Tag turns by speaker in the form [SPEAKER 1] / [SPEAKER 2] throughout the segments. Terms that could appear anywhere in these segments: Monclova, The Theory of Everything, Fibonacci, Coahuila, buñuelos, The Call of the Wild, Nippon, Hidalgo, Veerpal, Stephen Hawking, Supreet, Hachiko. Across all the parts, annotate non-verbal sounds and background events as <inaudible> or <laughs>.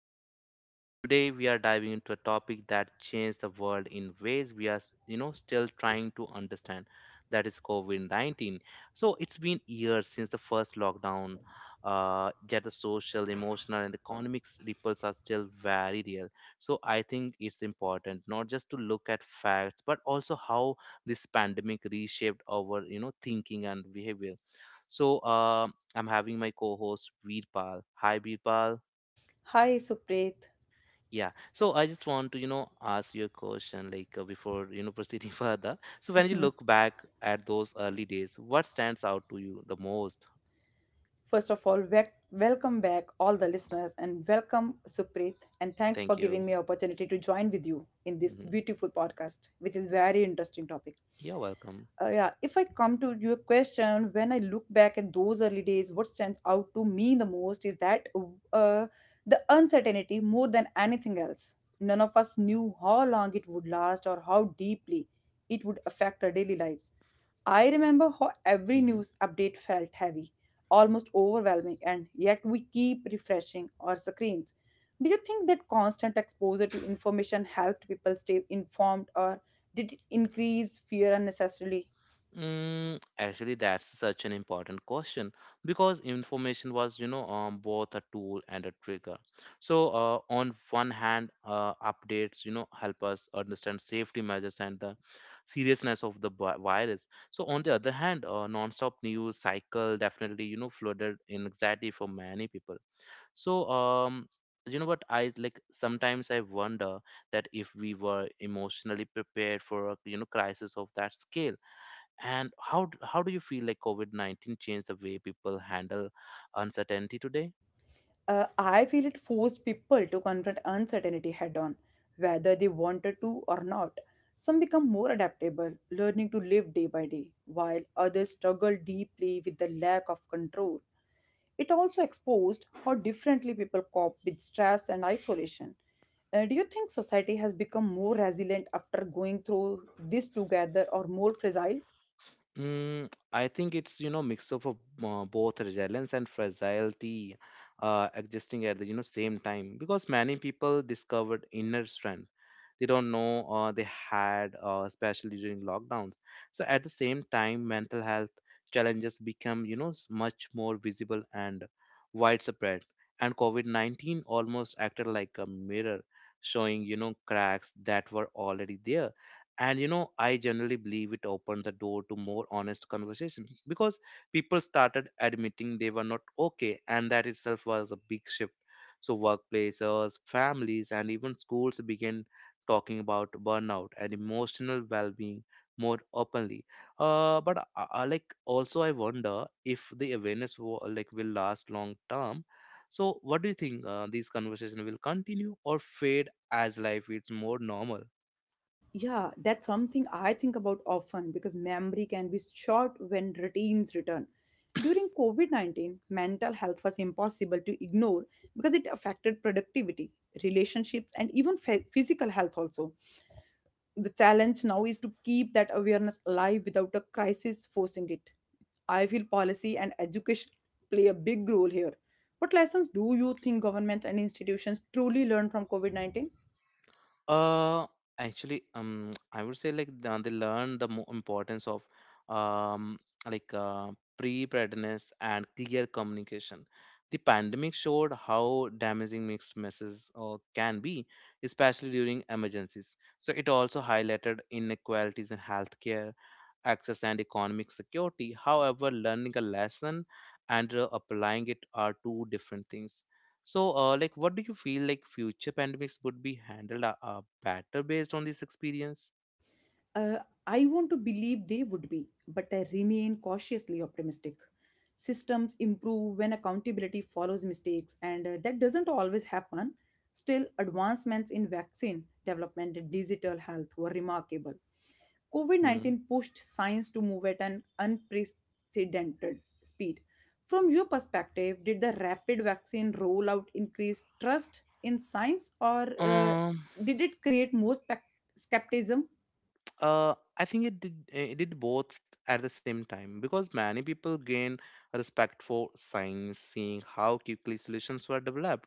[SPEAKER 1] podcast. Today, we are diving into a topic that changed the world in ways we are still trying to understand. That is COVID 19. So, it's been years since the first lockdown, yet the social, emotional, and economic ripples are still very real. So, I think it's important not just to look at facts, but also how this pandemic reshaped our thinking and behavior so I'm having my co-host Veerpal. Hi, Veerpal.
[SPEAKER 2] Hi, Supreet.
[SPEAKER 1] Yeah. So I just want to, ask you a question, before, proceeding <laughs> further. So when you look back at those early days, what stands out to you the most?
[SPEAKER 2] First of all, welcome back all the listeners and welcome Supreet, and thanks for
[SPEAKER 1] Thank
[SPEAKER 2] giving
[SPEAKER 1] you.
[SPEAKER 2] me opportunity to join with you in this
[SPEAKER 1] Hmm.
[SPEAKER 2] beautiful podcast, which is very interesting topic.
[SPEAKER 1] You're welcome.
[SPEAKER 2] Yeah, if I come to your question, when I look back at those early days, what stands out to me the most is that uh, the uncertainty more than anything else. None of us knew how long it would last or how deeply it would affect our daily lives. I remember how every
[SPEAKER 1] Mm-hmm.
[SPEAKER 2] news update felt heavy, almost overwhelming, and yet we keep refreshing our screens. Do you think that constant exposure to information helped people stay informed, or did it increase fear unnecessarily?
[SPEAKER 1] Mm, actually, that's such an important question because information was, both a tool and a trigger. So, on one hand, updates, help us understand safety measures and the seriousness of the virus. So, on the other hand, non-stop news cycle definitely, flooded anxiety for many people. So, you know what I like? Sometimes I wonder that if we were emotionally prepared for a crisis of that scale and how do you feel like COVID 19 changed the way people handle uncertainty today?
[SPEAKER 2] I feel it forced people to confront uncertainty head on, whether they wanted to or not. Some become more adaptable, learning to live day by day, while others struggle deeply with the lack of control. It also exposed how differently people cope with stress and isolation. Do you think society has become more resilient after going through this together or more fragile?
[SPEAKER 1] Mm, I think it's you know mix up of both resilience and fragility, adjusting at the you know same time because many people discovered inner strength they don't know they had, especially during lockdowns. So at the same time, mental health challenges become you know much more visible and widespread, and COVID 19 almost acted like a mirror, showing you know cracks that were already there and you know I generally believe it opened the door to more honest conversations because people started admitting they were not okay, and that itself was a big shift. So workplaces, families, and even schools began talking about burnout and emotional well-being more openly. But I like also I wonder if the awareness will last long term. So what do you think, these conversations will continue or fade as life is more normal?
[SPEAKER 2] Yeah, that's something I think about often because memory can be short when routines return. During COVID -19, mental health was impossible to ignore because it affected productivity, relationships, and even physical health also. The challenge now is to keep that awareness alive without a crisis forcing it. I feel policy and education play a big role here. What lessons do you think governments and institutions truly learn from COVID -19?
[SPEAKER 1] Uh, actually, <tsk> I would say like they learn the mo importance of um, like uh, preparedness and clear communication. The pandemic showed how damaging mixed messages can be, especially during emergencies. So it also highlighted inequalities in healthcare access, and economic security. However, learning a lesson and applying it are two different things. So, like, what do you feel like future pandemics would be handled better based on this experience?
[SPEAKER 2] Uh, I want to believe they would be, but I remain cautiously optimistic. Systems improve when accountability follows mistakes, and that doesn't always happen. Still, advancements in vaccine development and digital health were remarkable. COVID
[SPEAKER 1] Hmm.
[SPEAKER 2] -19 pushed science to move at an unprecedented speed. From your perspective, did the rapid vaccine rollout increase trust in science, or did it create more skepticism?
[SPEAKER 1] I think it did both at the same time because many people gain a respect for science, seeing how quickly solutions were developed,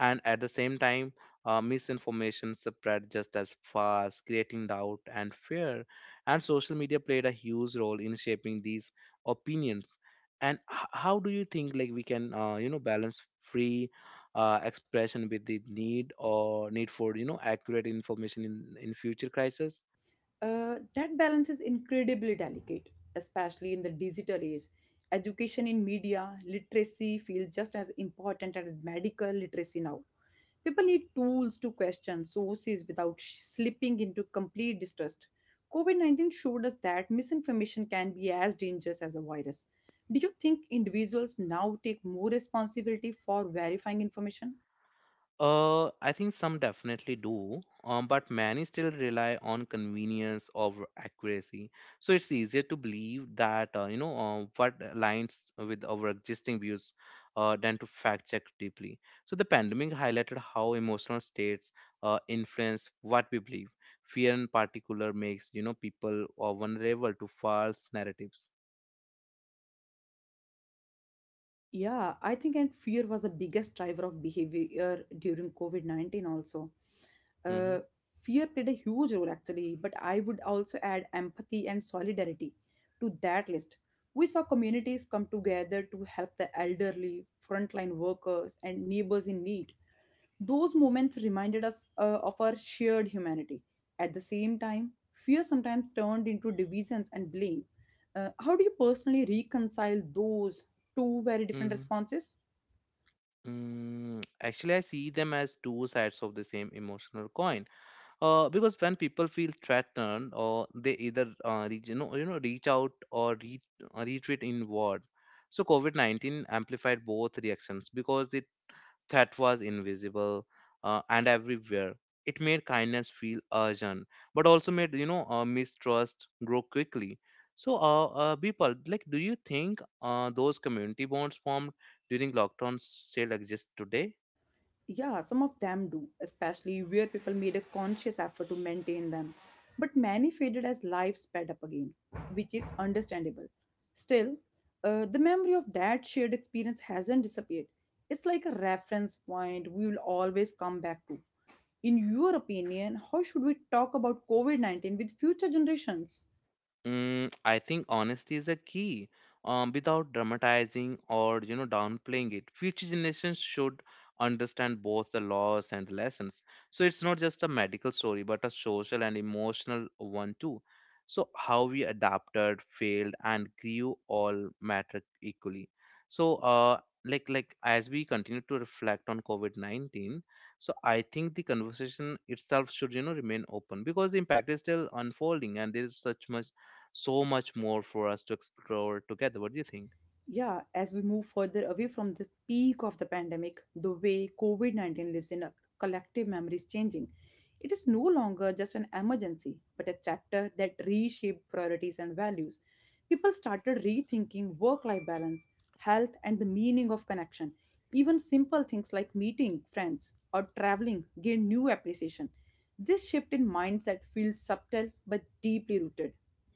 [SPEAKER 1] and at the same time, misinformation spread just as fast, creating doubt and fear. And social media played a huge role in shaping these opinions. And how do you think like we can, you know, balance free expression with the need for you know accurate information in future crisis?
[SPEAKER 2] That balance is incredibly delicate, especially in the digital age. Education in media, literacy feels just as important as medical literacy now. People need tools to question sources without slipping into complete distrust. COVID -19 showed us that misinformation can be as dangerous as a virus. Do you think individuals now take more responsibility for verifying information?
[SPEAKER 1] I think some definitely do, but many still rely on convenience over accuracy. So it's easier to believe that what aligns with our existing views than to fact check deeply. So the pandemic highlighted how emotional states influence what we believe. Fear, in particular, makes you know people vulnerable to false narratives.
[SPEAKER 2] Yeah, I think and fear was the biggest driver of behavior during COVID -19 also.
[SPEAKER 1] Hmm.
[SPEAKER 2] uh, Fear played a huge role actually, but I would also add empathy and solidarity to that list. We saw communities come together to help the elderly, frontline workers, and neighbors in need. Those moments reminded us of our shared humanity. At the same time, fear sometimes turned into divisions and blame. How do you personally reconcile those two very different
[SPEAKER 1] Mm,
[SPEAKER 2] responses?
[SPEAKER 1] actually, I see them as two sides of the same emotional coin. Because when people feel threatened, or they either reach, you know reach out or retreat inward. So covid-19 amplified both reactions because the threat was invisible and everywhere. It made kindness feel urgent but also made you know mistrust grow quickly. So people like do you think, those community bonds formed during lockdowns still exist today?
[SPEAKER 2] Yeah, some of them do, especially where people made a conscious effort to maintain them. But many faded as life sped up again, which is understandable. Still, the memory of that shared experience hasn't disappeared. It's like a reference point we will always come back to. In your opinion, how should we talk about COVID -19 with future generations?
[SPEAKER 1] Mm, I think honesty is a key, without dramatizing or you know downplaying it. Future generations should understand both the loss and the lessons. So it's not just a medical story, but a social and emotional one too. So how we adapted, failed, and grew all matter equally. So like as we continue to reflect on COVID 19, so I think the conversation itself should you know remain open because the impact is still unfolding and there is such much so much more for us to explore together. What do you think?
[SPEAKER 2] Yeah, as we move further away from the peak of the pandemic, the way COVID -19 lives in our collective memory is changing. It is no longer just an emergency, but a chapter that reshaped priorities and values. People started rethinking work life balance, health, and the meaning of connection. Even simple things like meeting friends or traveling gained new appreciation. This shift in mindset feels subtle but deeply rooted.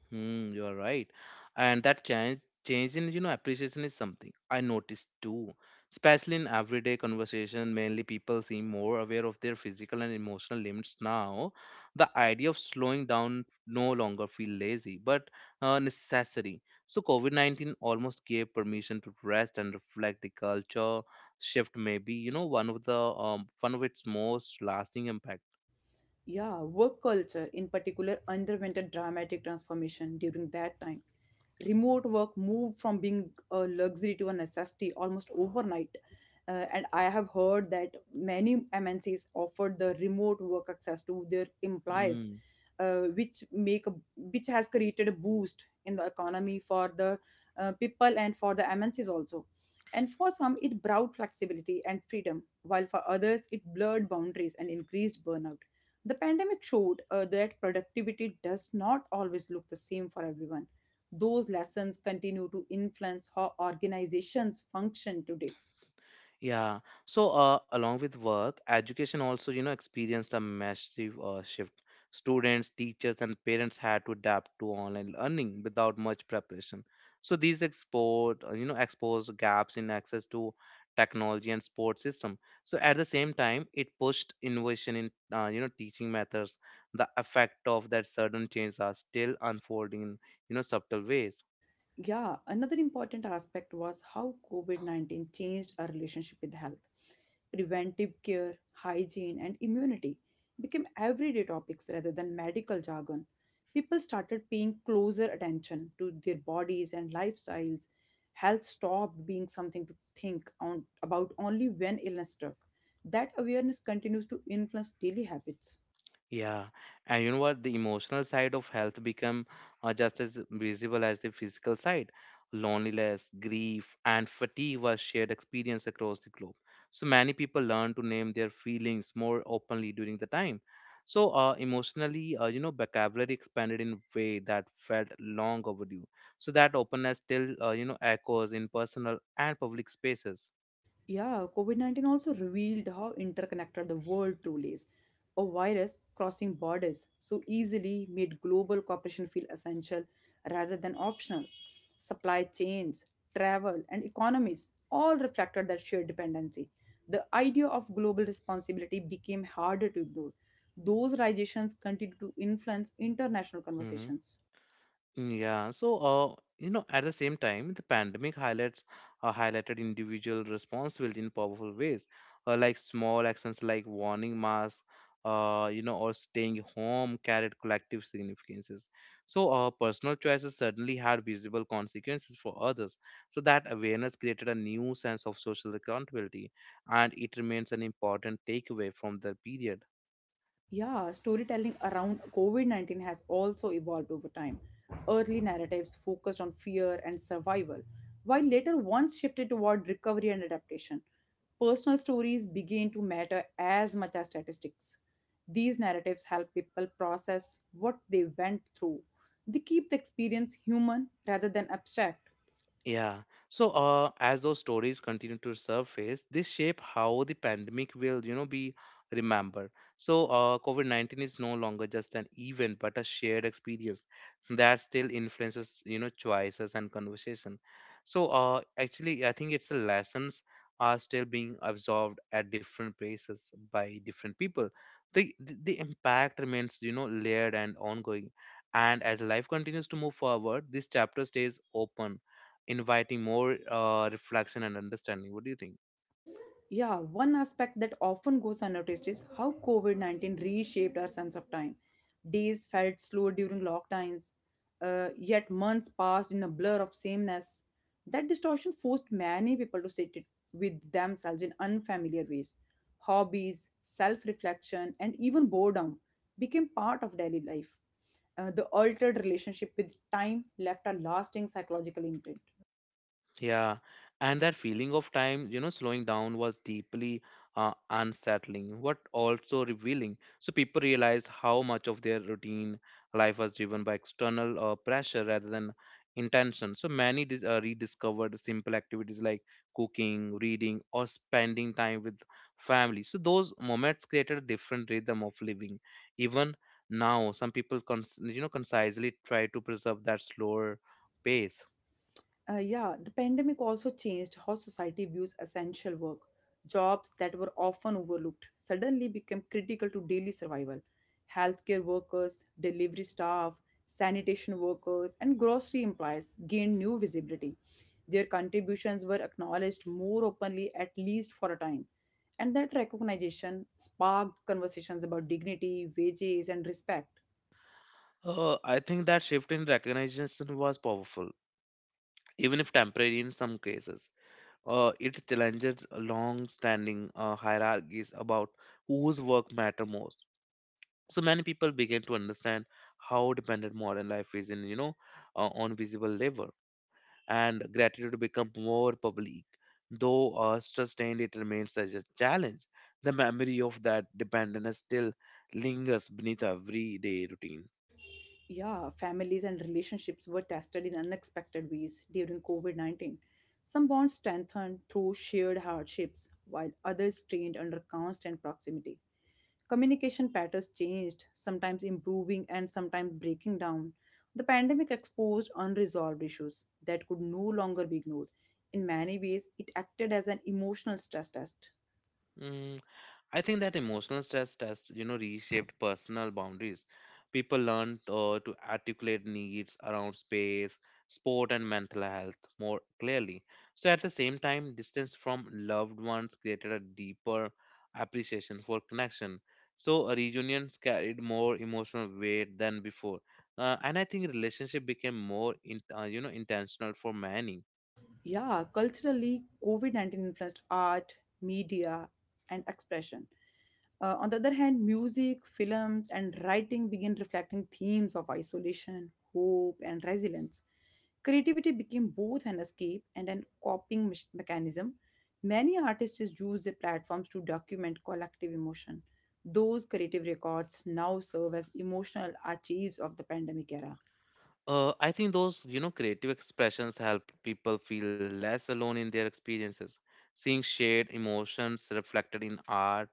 [SPEAKER 1] Hmm, you are right. And that change in you know appreciation is something I noticed too. Especially in everyday conversation, mainly people seem more aware of their physical and emotional limits now. The idea of slowing down no longer feel lazy, but necessary. So COVID-19 almost gave permission to rest and reflect the culture shift. Maybe you know one of its most lasting impact.
[SPEAKER 2] Yeah, work culture in particular underwent a dramatic transformation during that time. Remote work moved from being a luxury to a necessity almost overnight. And I have heard that many MNCs offered the remote work access to their employers,
[SPEAKER 1] Hmm.
[SPEAKER 2] which has created a boost in the economy for the people and for the MNCs also. And for some, it brought flexibility and freedom, while for others, it blurred boundaries and increased burnout. The pandemic showed that productivity does not always look the same for everyone. Those lessons continue to influence how organizations function today.
[SPEAKER 1] Yeah. So, along with work, education also, experienced a massive shift. Students, teachers, and parents had to adapt to online learning without much preparation. So these export, you know, exposed gaps in access to technology and support system. So at the same time, it pushed innovation in, teaching methods. The effect of that sudden change are still unfolding in, subtle ways.
[SPEAKER 2] Yeah, another important aspect was how COVID -19 changed our relationship with health. Preventive care, hygiene, and immunity became everyday topics rather than medical jargon. People started paying closer attention to their bodies and lifestyles. Health stopped being something to think on, about only when illness struck. That awareness continues to influence daily habits.
[SPEAKER 1] Yeah, and you know what? The emotional side of health become just as visible as the physical side. Loneliness, grief, and fatigue were shared experience across the globe. So many people learn to name their feelings more openly during the time. So emotionally, vocabulary expanded in a way that felt long overdue. So that openness still, echoes in personal and public spaces.
[SPEAKER 2] Yeah, COVID -19 also revealed how interconnected the world truly is. A virus crossing borders so easily made global cooperation feel essential rather than optional. Supply chains, travel, and economies all reflected that shared dependency. The idea of global responsibility became harder to ignore. Those realizations continue to influence international
[SPEAKER 1] Mm-hmm.
[SPEAKER 2] conversations.
[SPEAKER 1] Yeah, so at the same time, the pandemic highlights highlighted individual responsibility in powerful ways, like small actions like warning masks, or staying home carried collective significances. So, personal choices certainly had visible consequences for others. So that awareness created a new sense of social accountability, and it remains an important takeaway from the period.
[SPEAKER 2] Yeah, storytelling around COVID -19 has also evolved over time. Early narratives focused on fear and survival, while later ones shifted toward recovery and adaptation. Personal stories began to matter as much as statistics. These narratives help people process what they went through. They keep the experience human rather than abstract.
[SPEAKER 1] Yeah. So, as those stories continue to surface, this shape how the pandemic will, be remembered. So, COVID-19 is no longer just an event, but a shared experience that still influences, choices and conversation. So, actually, I think it's the lessons are still being absorbed at different places by different people. The impact remains, layered and ongoing. And as life continues to move forward, this chapter stays open inviting more reflection and understanding. What do you think?
[SPEAKER 2] Yeah, one aspect that often goes unnoticed is how COVID -19 reshaped our sense of time. Days felt slow during lockdowns, yet months passed in a blur of sameness. That distortion forced many people to sit it with themselves in unfamiliar ways. Hobbies, self reflection, and even boredom became part of daily life. The altered relationship with time left a lasting psychological imprint.
[SPEAKER 1] Yeah, and that feeling of time, slowing down was deeply unsettling, but also revealing. So people realized how much of their routine life was driven by external pressure rather than intention. So many rediscovered simple activities like cooking, reading, or spending time with family. So those moments created a different rhythm of living. Even now, some people, concisely try to preserve that slower pace.
[SPEAKER 2] Yeah, the pandemic also changed how society views essential work. Jobs that were often overlooked suddenly became critical to daily survival. Healthcare workers, delivery staff, sanitation workers, and grocery employees gained new visibility. Their contributions were acknowledged more openly, at least for a time. And that recognition sparked conversations about dignity, wages, and respect.
[SPEAKER 1] I think that shift in recognition was powerful, even if temporary in some cases. It challenges long-standing hierarchies about whose work matter most. So many people began to understand how dependent modern life is in, on visible labor, and gratitude become more public. Though sustained, it remains as a challenge. The memory of that dependence still lingers beneath everyday routine.
[SPEAKER 2] Yeah, families and relationships were tested in unexpected ways during COVID -19. Some bonds strengthened through shared hardships, while others strained under constant proximity. Communication patterns changed, sometimes improving and sometimes breaking down. The pandemic exposed unresolved issues that could no longer be ignored. In many ways, it acted as an emotional stress test.
[SPEAKER 1] I think that emotional stress test, reshaped personal boundaries. People learned to articulate needs around space, sport, and mental health more clearly. So, at the same time, distance from loved ones created a deeper appreciation for connection. So, reunions carried more emotional weight than before, and I think relationship became more, intentional for many.
[SPEAKER 2] Yeah, culturally, COVID -19 influenced art, media, and expression. On the other hand, music, films, and writing began reflecting themes of isolation, hope, and resilience. Creativity became both an escape and an mechanism. Many artists use their platforms to document collective emotion. Those creative records now serve as emotional archives of the pandemic era.
[SPEAKER 1] I think those, creative expressions help people feel less alone in their experiences. Seeing shared emotions reflected in art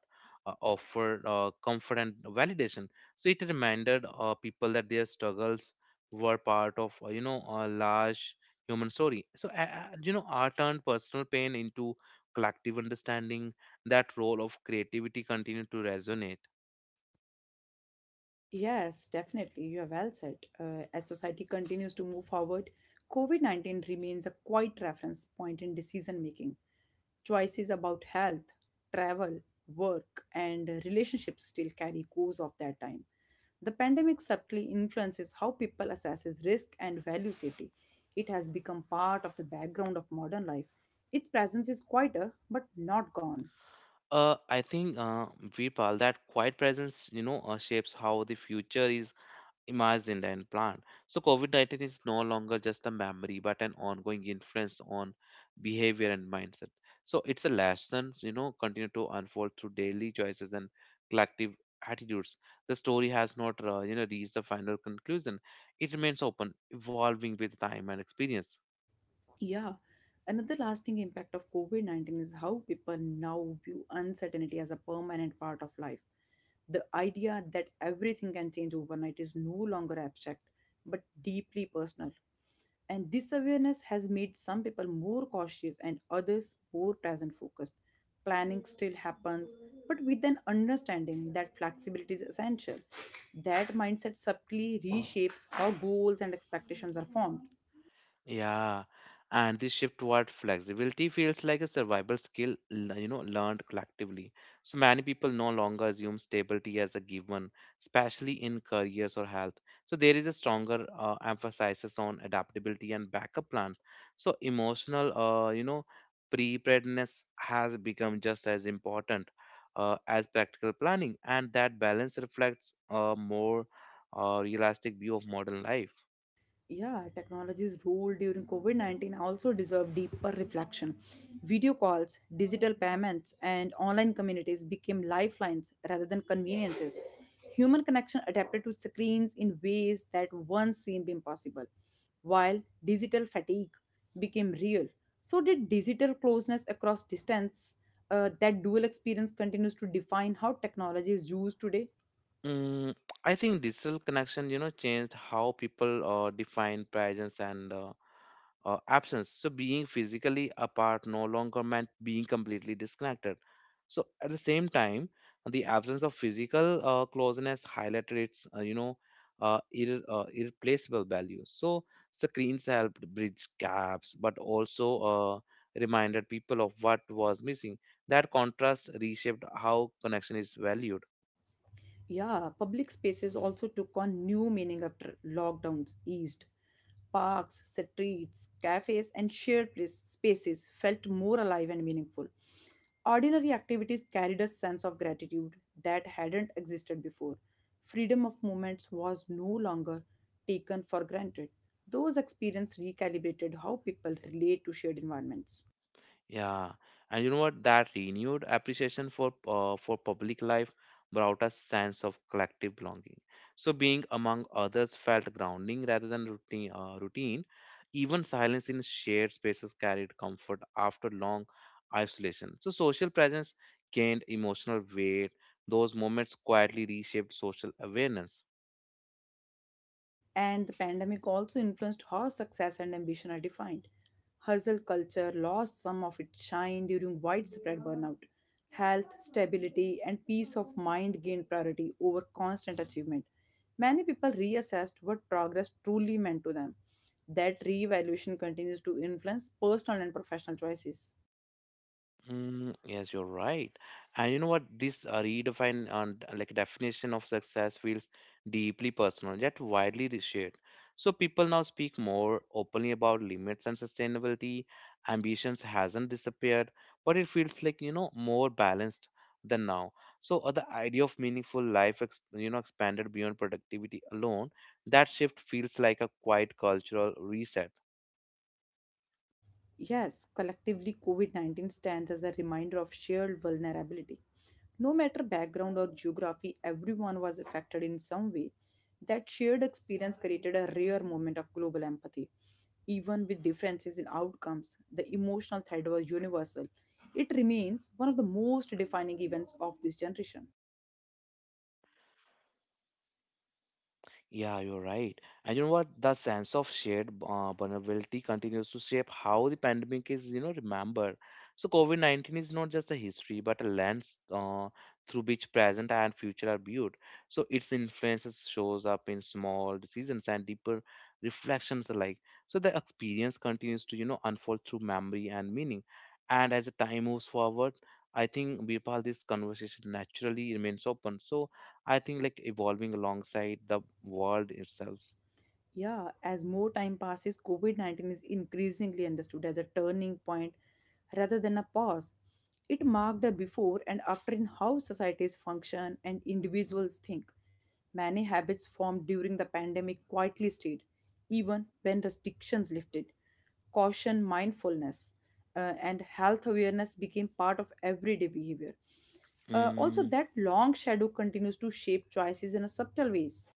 [SPEAKER 1] offer comfort and validation. So it reminded people that their struggles were part of, a large human story. So, art turned personal pain into collective understanding. That role of creativity continued to resonate.
[SPEAKER 2] Yes, definitely. You are well said. As society continues to move forward, COVID -19 remains a quiet reference point in decision making. Choices about health, travel, work, and relationships still carry cues of that time. The pandemic subtly influences how people assesses risk and value safety. It has become part of the background of modern life. Its presence is quieter but not gone.
[SPEAKER 1] I think, Vipal, that quiet presence, shapes how the future is imagined and planned. So COVID-19 is no longer just a memory, but an ongoing influence on behavior and mindset. So it's a lessons, continue to unfold through daily choices and collective attitudes. The story has not, reached a final conclusion. It remains open, evolving with time and experience.
[SPEAKER 2] Yeah. Another lasting impact of COVID -19 is how people now view uncertainty as a permanent part of life. The idea that everything can change overnight is no longer abstract, but deeply personal. And this awareness has made some people more cautious and others more present focused. Planning still happens, but with an understanding that flexibility is essential. That mindset subtly reshapes how goals and expectations are formed.
[SPEAKER 1] Yeah, and this shift toward flexibility feels like a survival skill, learned collectively. So many people no longer assume stability as a given, especially in careers or health. So there is a stronger emphasis on adaptability and backup plan. So emotional, preparedness has become just as important as practical planning, and that balance reflects a more realistic view of modern life.
[SPEAKER 2] Yeah, technology's role during COVID -19 also deserve deeper reflection. Video calls, digital payments, and online communities became lifelines rather than conveniences. Human connection adapted to screens in ways that once seemed impossible, while digital fatigue became real. So, did digital closeness across distance? That dual experience continues to define how technology is used today.
[SPEAKER 1] Mm, I think digital connection, changed how people define presence and absence. So being physically apart no longer meant being completely disconnected. So at the same time, the absence of physical closeness highlighted its, irreplaceable value. So screens helped bridge gaps, but also reminded people of what was missing. That contrast reshaped how connection is valued.
[SPEAKER 2] Yeah, public spaces also took on new meaning after lockdowns eased. Parks, streets, cafes, and shared spaces felt more alive and meaningful. Ordinary activities carried a sense of gratitude that hadn't existed before. Freedom of movements was no longer taken for granted. Those experiences recalibrated how people relate to shared environments.
[SPEAKER 1] Yeah, and you know what? That renewed appreciation for public life brought a sense of collective belonging. So being among others felt grounding rather than routine. Even silence in shared spaces carried comfort after long isolation. So social presence gained emotional weight. Those moments quietly reshaped social awareness.
[SPEAKER 2] And the pandemic also influenced how success and ambition are defined. Hustle culture lost some of its shine during widespread burnout. Health, stability, and peace of mind gained priority over constant achievement. Many people reassessed what progress truly meant to them. That reevaluation continues to influence personal and professional choices.
[SPEAKER 1] Mm, yes, you're right. And you know what? This redefine and like definition of success feels deeply personal, yet widely shared. So people now speak more openly about limits and sustainability. Ambitions hasn't disappeared, but it feels like, you know, more balanced than now. So the idea of meaningful life, expanded beyond productivity alone. That shift feels like a quiet cultural reset.
[SPEAKER 2] Yes, collectively, COVID -19 stands as a reminder of shared vulnerability. No matter background or geography, everyone was affected in some way. That shared experience created a rare moment of global empathy. Even with differences in outcomes, the emotional thread was universal. It remains one of the most defining events of this generation.
[SPEAKER 1] Yeah, you're right. And you know what? The sense of shared vulnerability continues to shape how the pandemic is, you know, remembered. So COVID-19 is not just a history, but a lens through which present and future are viewed. So its influences shows up in small decisions and deeper reflections alike. So the experience continues to, you know, unfold through memory and meaning. And as the time moves forward, I think Birpal, this conversation naturally remains open. So I think like evolving alongside the world itself.
[SPEAKER 2] Yeah, as more time passes, COVID -19 is increasingly understood as a turning point rather than a pause. It marked a before and after in how societies function and individuals think. Many habits formed during the pandemic quietly stayed, even when restrictions lifted. Caution, mindfulness, and health awareness became part of everyday behavior. Also,
[SPEAKER 1] Mm,
[SPEAKER 2] that long shadow continues to shape choices in a subtle ways.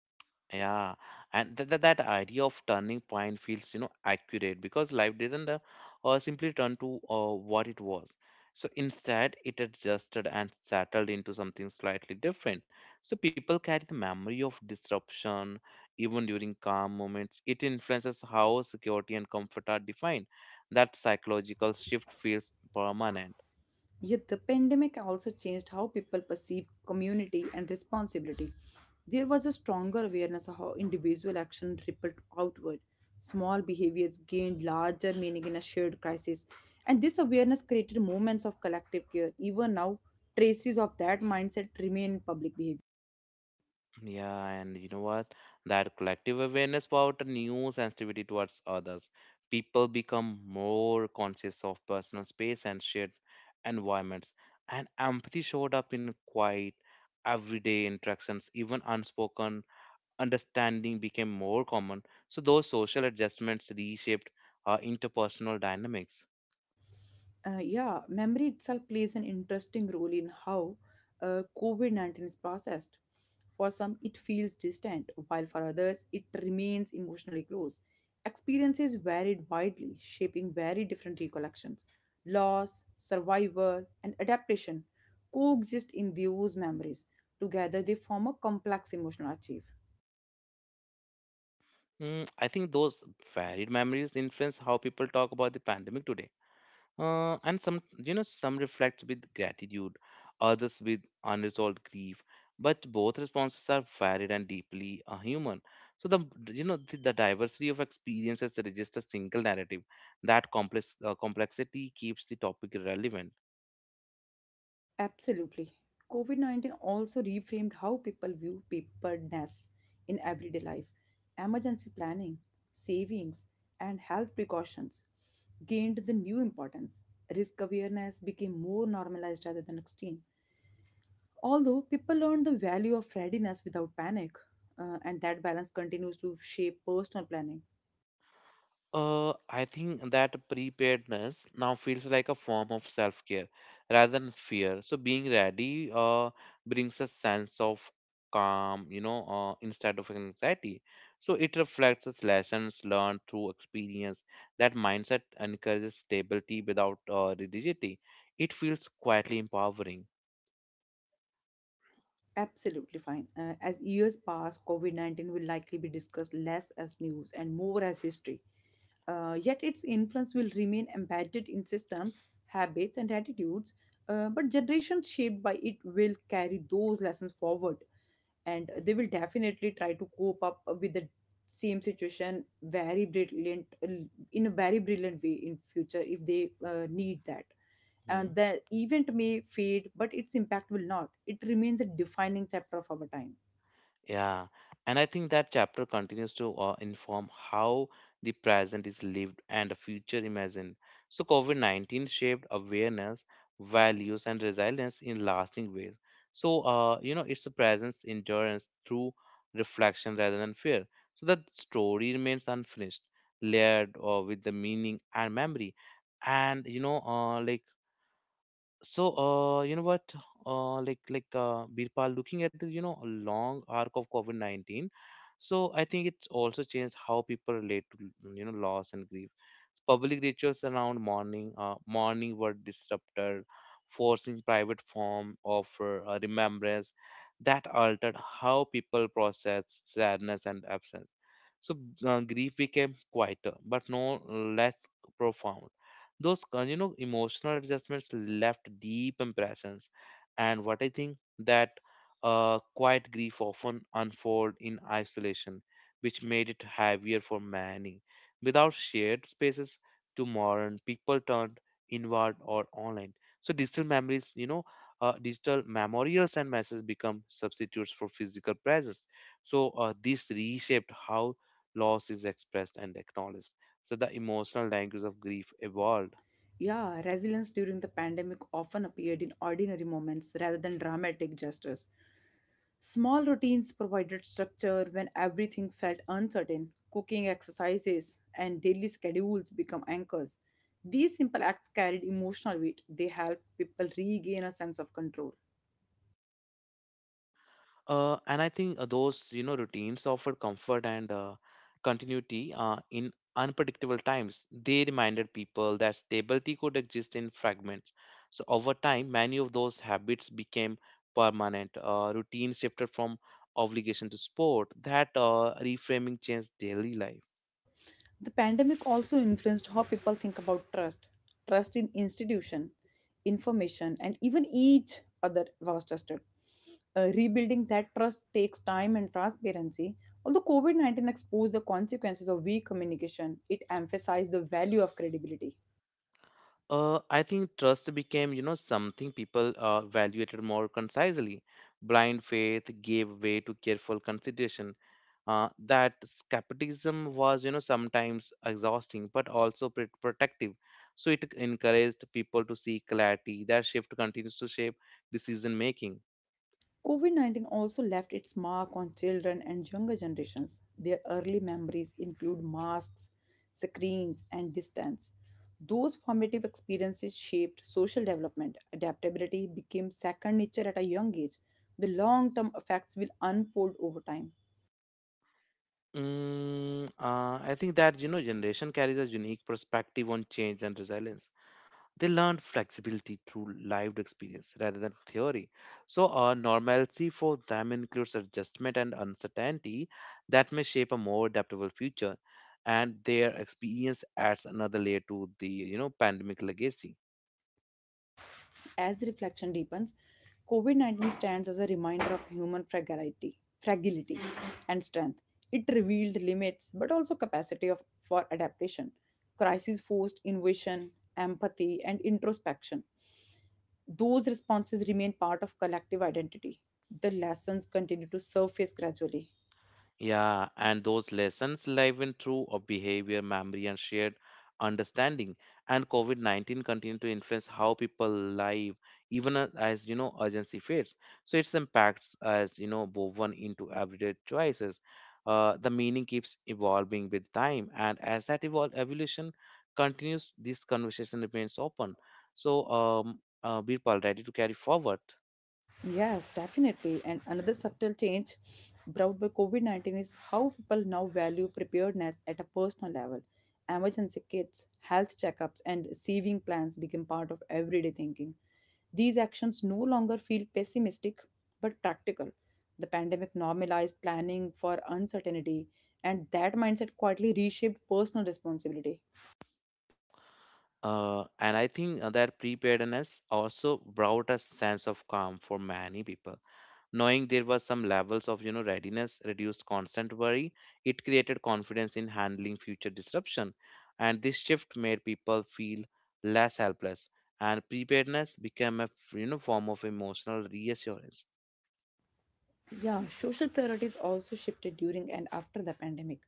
[SPEAKER 1] yeah, and that idea of turning point feels, you know, accurate because life didn't simply turn to what it was. So instead, it adjusted and settled into something slightly different. So people carry the memory of disruption even during calm moments. It influences how security and comfort are defined. That psychological shift feels permanent.
[SPEAKER 2] Yet the pandemic also changed how people perceive community and responsibility. There was a stronger awareness of how individual action rippled outward. Small behaviors gained larger meaning in a shared crisis. And this awareness created moments of collective care. Even now, traces of that mindset remain in public behavior.
[SPEAKER 1] Yeah, and you know what? That collective awareness about a new sensitivity towards others. People become more conscious of personal space and shared environments. And empathy showed up in quiet, everyday interactions, even unspoken understanding became more common. So those social adjustments reshaped interpersonal dynamics.
[SPEAKER 2] Yeah, memory itself plays an interesting role in how COVID COVID-19 is processed. For some, it feels distant, while for others, it remains emotionally close. Experiences varied widely, shaping very different recollections. Loss, survival, and adaptation coexist in those memories. Together, they form a complex emotional archive.
[SPEAKER 1] I think those varied memories influence how people talk about the pandemic today. And some, you know, some reflect with gratitude, others with unresolved grief. But both responses are varied and deeply human. So the, you know, the diversity of experiences resists a single narrative. That complexity keeps the topic relevant.
[SPEAKER 2] Absolutely. COVID COVID-19 also reframed how people view preparedness in everyday life. Emergency planning, savings, and health precautions gained the new importance. Risk awareness became more normalized rather than extreme. Although people learned the value of readiness without panic, and that balance continues to shape personal planning.
[SPEAKER 1] I think that preparedness now feels like a form of self-care rather than fear. So being ready brings a sense of calm, instead of anxiety. So it reflects its lessons learned through experience. That mindset encourages stability without rigidity. It feels quietly empowering.
[SPEAKER 2] Absolutely fine. As years pass, COVID COVID-19 will likely be discussed less as news and more as history. Yet its influence will remain embedded in systems, habits, and attitudes. But generations shaped by it will carry those lessons forward, and they will definitely try to cope up with the same situation very brilliant in a very brilliant way in future if they need that. And the event may fade, but its impact will not. It remains a defining chapter of our time.
[SPEAKER 1] Yeah, and I think that chapter continues to inform how the present is lived and the future imagined. So, COVID 19 shaped awareness, values, and resilience in lasting ways. So, it's a presence endurance through reflection rather than fear. So, that story remains unfinished, layered with the meaning and memory. And, you know, like, so, you know what? Like, Birpal, looking at the, you know, long arc of COVID 19, so I think it's also changed how people relate to, you know, loss and grief. Public rituals around morning were disrupted, forcing private form of remembrance that altered how people process sadness and absence. So grief became quieter, but no less profound. Those emotional adjustments left deep impressions, and what I think that quiet grief often unfold in isolation, which made it heavier for many. Without shared spaces to mourn, people turned inward or online. So digital memories, you know, digital memorials and messages become substitutes for physical presence. So this reshaped how loss is expressed and acknowledged. So the emotional language of grief evolved.
[SPEAKER 2] Yeah, resilience during the pandemic often appeared in ordinary moments rather than dramatic gestures. Small routines provided structure when everything felt uncertain. Cooking exercises and daily schedules become anchors. These simple acts carried emotional weight. They help people regain a sense of control.
[SPEAKER 1] And I think those, you know, routines offer comfort and continuity in unpredictable times. They reminded people that stability could exist in fragments. So over time, many of those habits became permanent. Routine shifted from obligation to sport. That reframing changed daily life.
[SPEAKER 2] The pandemic also influenced how people think about trust, trust in institution, information, and even each other was trusted. Rebuilding that trust takes time and transparency. Although COVID COVID-19 exposed the consequences of weak communication, it emphasized the value of credibility.
[SPEAKER 1] I think trust became, you know, something people evaluated more concisely. Blind faith gave way to careful consideration, that skepticism was, you know, sometimes exhausting but also protective. So it encouraged people to seek clarity. That shift continues to shape decision making.
[SPEAKER 2] COVID COVID-19 also left its mark on children and younger generations. Their early memories include masks, screens, and distance. Those formative experiences shaped social development. Adaptability became second nature at a young age. The long term effects will unfold over time.
[SPEAKER 1] I think that, you know, generation carries a unique perspective on change and resilience. They learned flexibility through lived experience rather than theory. So, normalcy for them includes adjustment and uncertainty that may shape a more adaptable future, and their experience adds another layer to the, you know, pandemic legacy.
[SPEAKER 2] As reflection deepens, COVID COVID-19 stands as a reminder of human fragility, fragility and strength. It revealed limits but also capacity of, for adaptation. Crisis forced innovation, empathy, and introspection. Those responses remain part of collective identity. The lessons continue to surface gradually.
[SPEAKER 1] Yeah, and those lessons live in through of behavior, memory, and shared understanding. And COVID 19 continue to influence how people live, even as, you know, urgency fades. So its impacts, as you know, woven into everyday choices. The meaning keeps evolving with time, and as that evolution continues, this conversation remains open. So, Birpal, ready to carry forward?
[SPEAKER 2] Yes, definitely. And another subtle change brought by COVID COVID-19 is how people now value preparedness at a personal level. Emergency kits, health checkups, and saving plans became part of everyday thinking. These actions no longer feel pessimistic but practical. The pandemic normalized planning for uncertainty, and that mindset quietly reshaped personal responsibility.
[SPEAKER 1] And I think that preparedness also brought a sense of calm for many people. Knowing there was some levels of, you know, readiness reduced constant worry. It created confidence in handling future disruption, and this shift made people feel less helpless. And preparedness became a form of emotional reassurance.
[SPEAKER 2] Yeah, social priorities also shifted during and after the pandemic.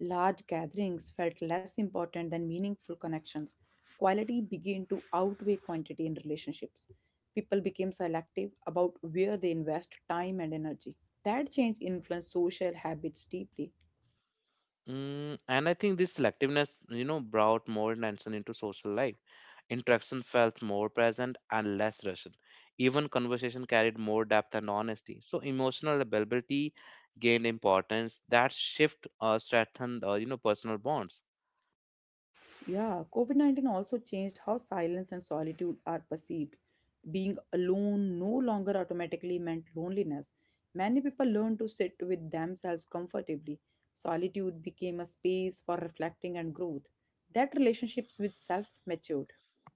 [SPEAKER 2] Large gatherings felt less important than meaningful connections. Quality began to outweigh quantity in relationships. People became selective about where they invest time and energy. That change influenced social habits deeply.
[SPEAKER 1] And I think this selectiveness, you know, brought more tension into social life. Interaction felt more present and less rushed. Even conversation carried more depth and honesty. So emotional availability gained importance. That shift strengthened, personal bonds.
[SPEAKER 2] Yeah, COVID COVID-19 also changed how silence and solitude are perceived. Being alone no longer automatically meant loneliness. Many people learned to sit with themselves comfortably. Solitude became a space for reflecting and growth. That relationships with self matured.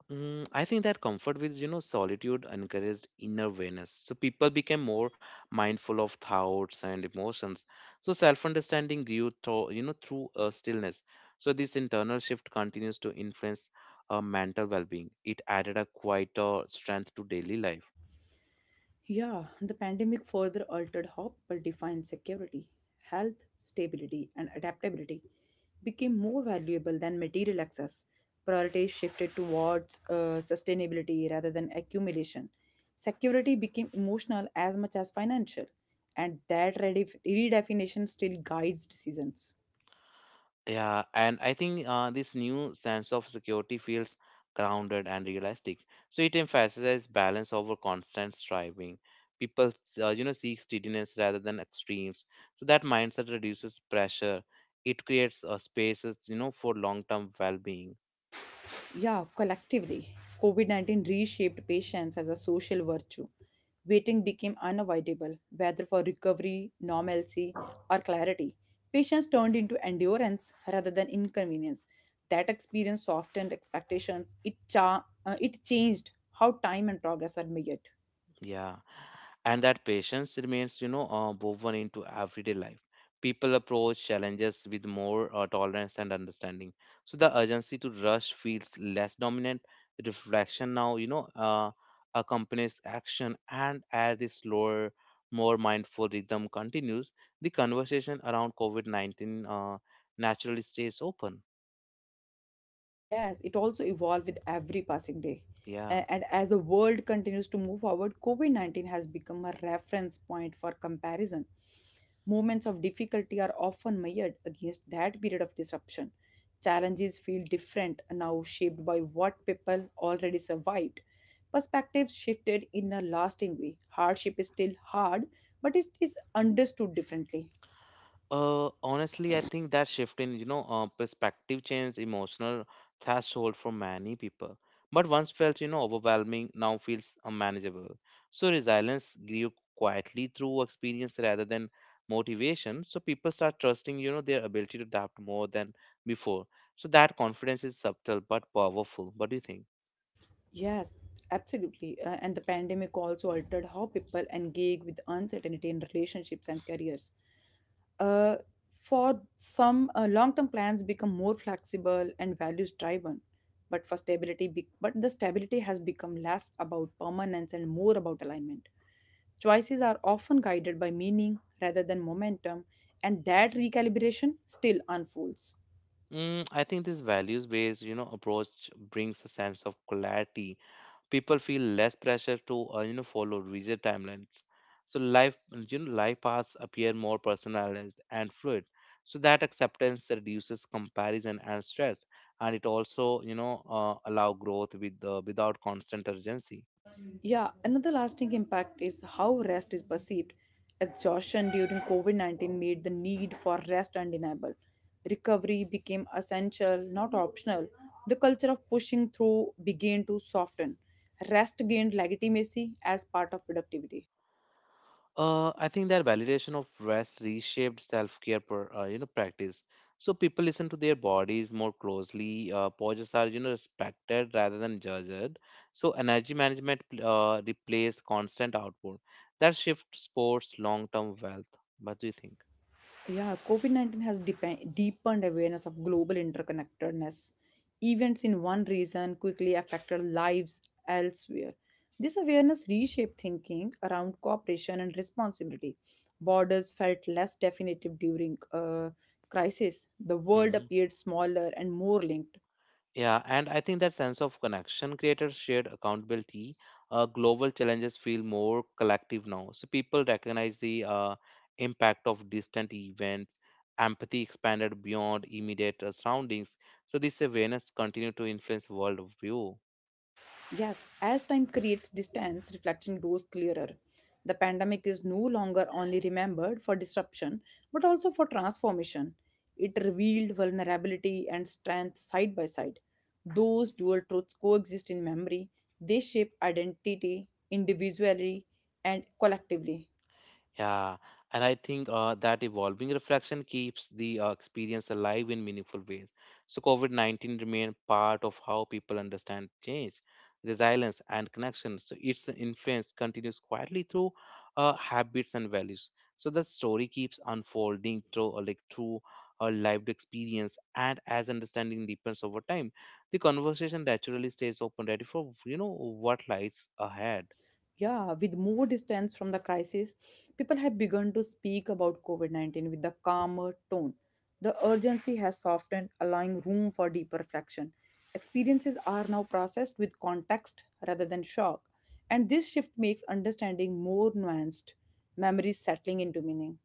[SPEAKER 1] I think that comfort with, you know, solitude encouraged inner awareness. So people became more mindful of thoughts and emotions. So self-understanding grew through stillness. So this internal shift continues to influence mental well-being. It added a quieter strength to daily life.
[SPEAKER 2] Yeah, the pandemic further altered how people define security. Health, stability, and adaptability became more valuable than material access. Priorities shifted towards sustainability rather than accumulation. Security became emotional as much as financial, and that redefinition still guides decisions.
[SPEAKER 1] Yeah, and I think this new sense of security feels grounded and realistic. So it emphasizes balance over constant striving. People, seek steadiness rather than extremes. So that mindset reduces pressure. It creates spaces, you know, for long-term well-being.
[SPEAKER 2] Yeah, collectively, COVID COVID-19 reshaped patience as a social virtue. Waiting became unavoidable, whether for recovery, normalcy, or clarity. Patience turned into endurance rather than inconvenience. That experience softened expectations. It, it changed how time and progress are measured.
[SPEAKER 1] Yeah, and that patience remains, you know, woven into everyday life. People approach challenges with more tolerance and understanding. So the urgency to rush feels less dominant. Reflection now, you know, accompanies action, and as this slower, more mindful rhythm continues, the conversation around covid-19 naturally stays open.
[SPEAKER 2] Yes, it also evolved with every passing day.
[SPEAKER 1] Yeah.
[SPEAKER 2] And as the world continues to move forward, COVID COVID-19 has become a reference point for comparison. Moments of difficulty are often measured against that period of disruption. Challenges feel different now, shaped by what people already survived. Perspectives shifted in a lasting way. Hardship is still hard, but it is understood differently.
[SPEAKER 1] Honestly, I think that shift in, perspective changed emotional threshold for many people. But once felt, you know, overwhelming, now feels unmanageable. So resilience grew quietly through experience rather than motivation. So people start trusting, you know, their ability to adapt more than before. So that confidence is subtle but powerful. What do you think?
[SPEAKER 2] Yes, absolutely. And the pandemic also altered how people engage with uncertainty in relationships and careers. Uh, for some, long-term plans become more flexible and values-driven. But the stability has become less about permanence and more about alignment. Choices are often guided by meaning rather than momentum, and that recalibration still unfolds.
[SPEAKER 1] I think this values-based, you know, approach brings a sense of clarity. People feel less pressure to follow rigid timelines. So life, life paths appear more personalized and fluid. So that acceptance reduces comparison and stress, and it also, you know, allow growth with without constant urgency.
[SPEAKER 2] Yeah, another lasting impact is how rest is perceived. Exhaustion during COVID COVID-19 made the need for rest undeniable. Recovery became essential, not optional. The culture of pushing through began to soften. Rest gained legitimacy as part of productivity.
[SPEAKER 1] I think that validation of rest reshaped self-care per, you know practice. So people listen to their bodies more closely. Pauses are, you know, respected rather than judged. So energy management replaced constant output. That shifts sports long-term wealth. What do you think?
[SPEAKER 2] Yeah, COVID COVID-19 has deepened awareness of global interconnectedness. Events in one region quickly affected lives elsewhere. This awareness reshaped thinking around cooperation and responsibility. Borders felt less definitive during a crisis. The world
[SPEAKER 1] Mm-hmm.
[SPEAKER 2] appeared smaller and more linked.
[SPEAKER 1] Yeah, and I think that sense of connection creators shared accountability. Global challenges feel more collective now. So people recognize the impact of distant events, empathy expanded beyond immediate surroundings. So this awareness continued to influence world view.
[SPEAKER 2] Yes, as time creates distance, reflection grows clearer. The pandemic is no longer only remembered for disruption, but also for transformation. It revealed vulnerability and strength side by side. Those dual truths coexist in memory, they shape identity individually and collectively.
[SPEAKER 1] Yeah, and I think that evolving reflection keeps the experience alive in meaningful ways. So, COVID 19 remained part of how people understand change, resilience, and connection. So, its influence continues quietly through habits and values. So, the story keeps unfolding through a lived experience, and as understanding deepens over time, the conversation naturally stays open, ready for, you know, what lies ahead.
[SPEAKER 2] Yeah, with more distance from the crisis, people have begun to speak about COVID-19 with a calmer tone. The urgency has softened, allowing room for deeper reflection. Experiences are now processed with context rather than shock, and this shift makes understanding more nuanced. Memories settling into meaning.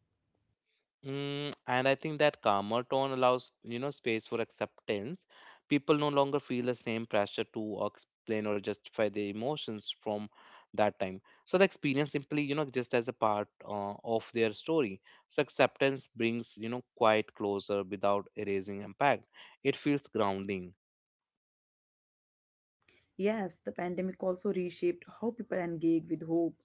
[SPEAKER 1] And I think that calmer tone allows, you know, space for acceptance. People no longer feel the same pressure to explain or justify their emotions from that time. So the experience simply, just as a part of their story. So acceptance brings, quite closer without erasing impact. It feels grounding.
[SPEAKER 2] Yes, the pandemic also reshaped how people engage with hope,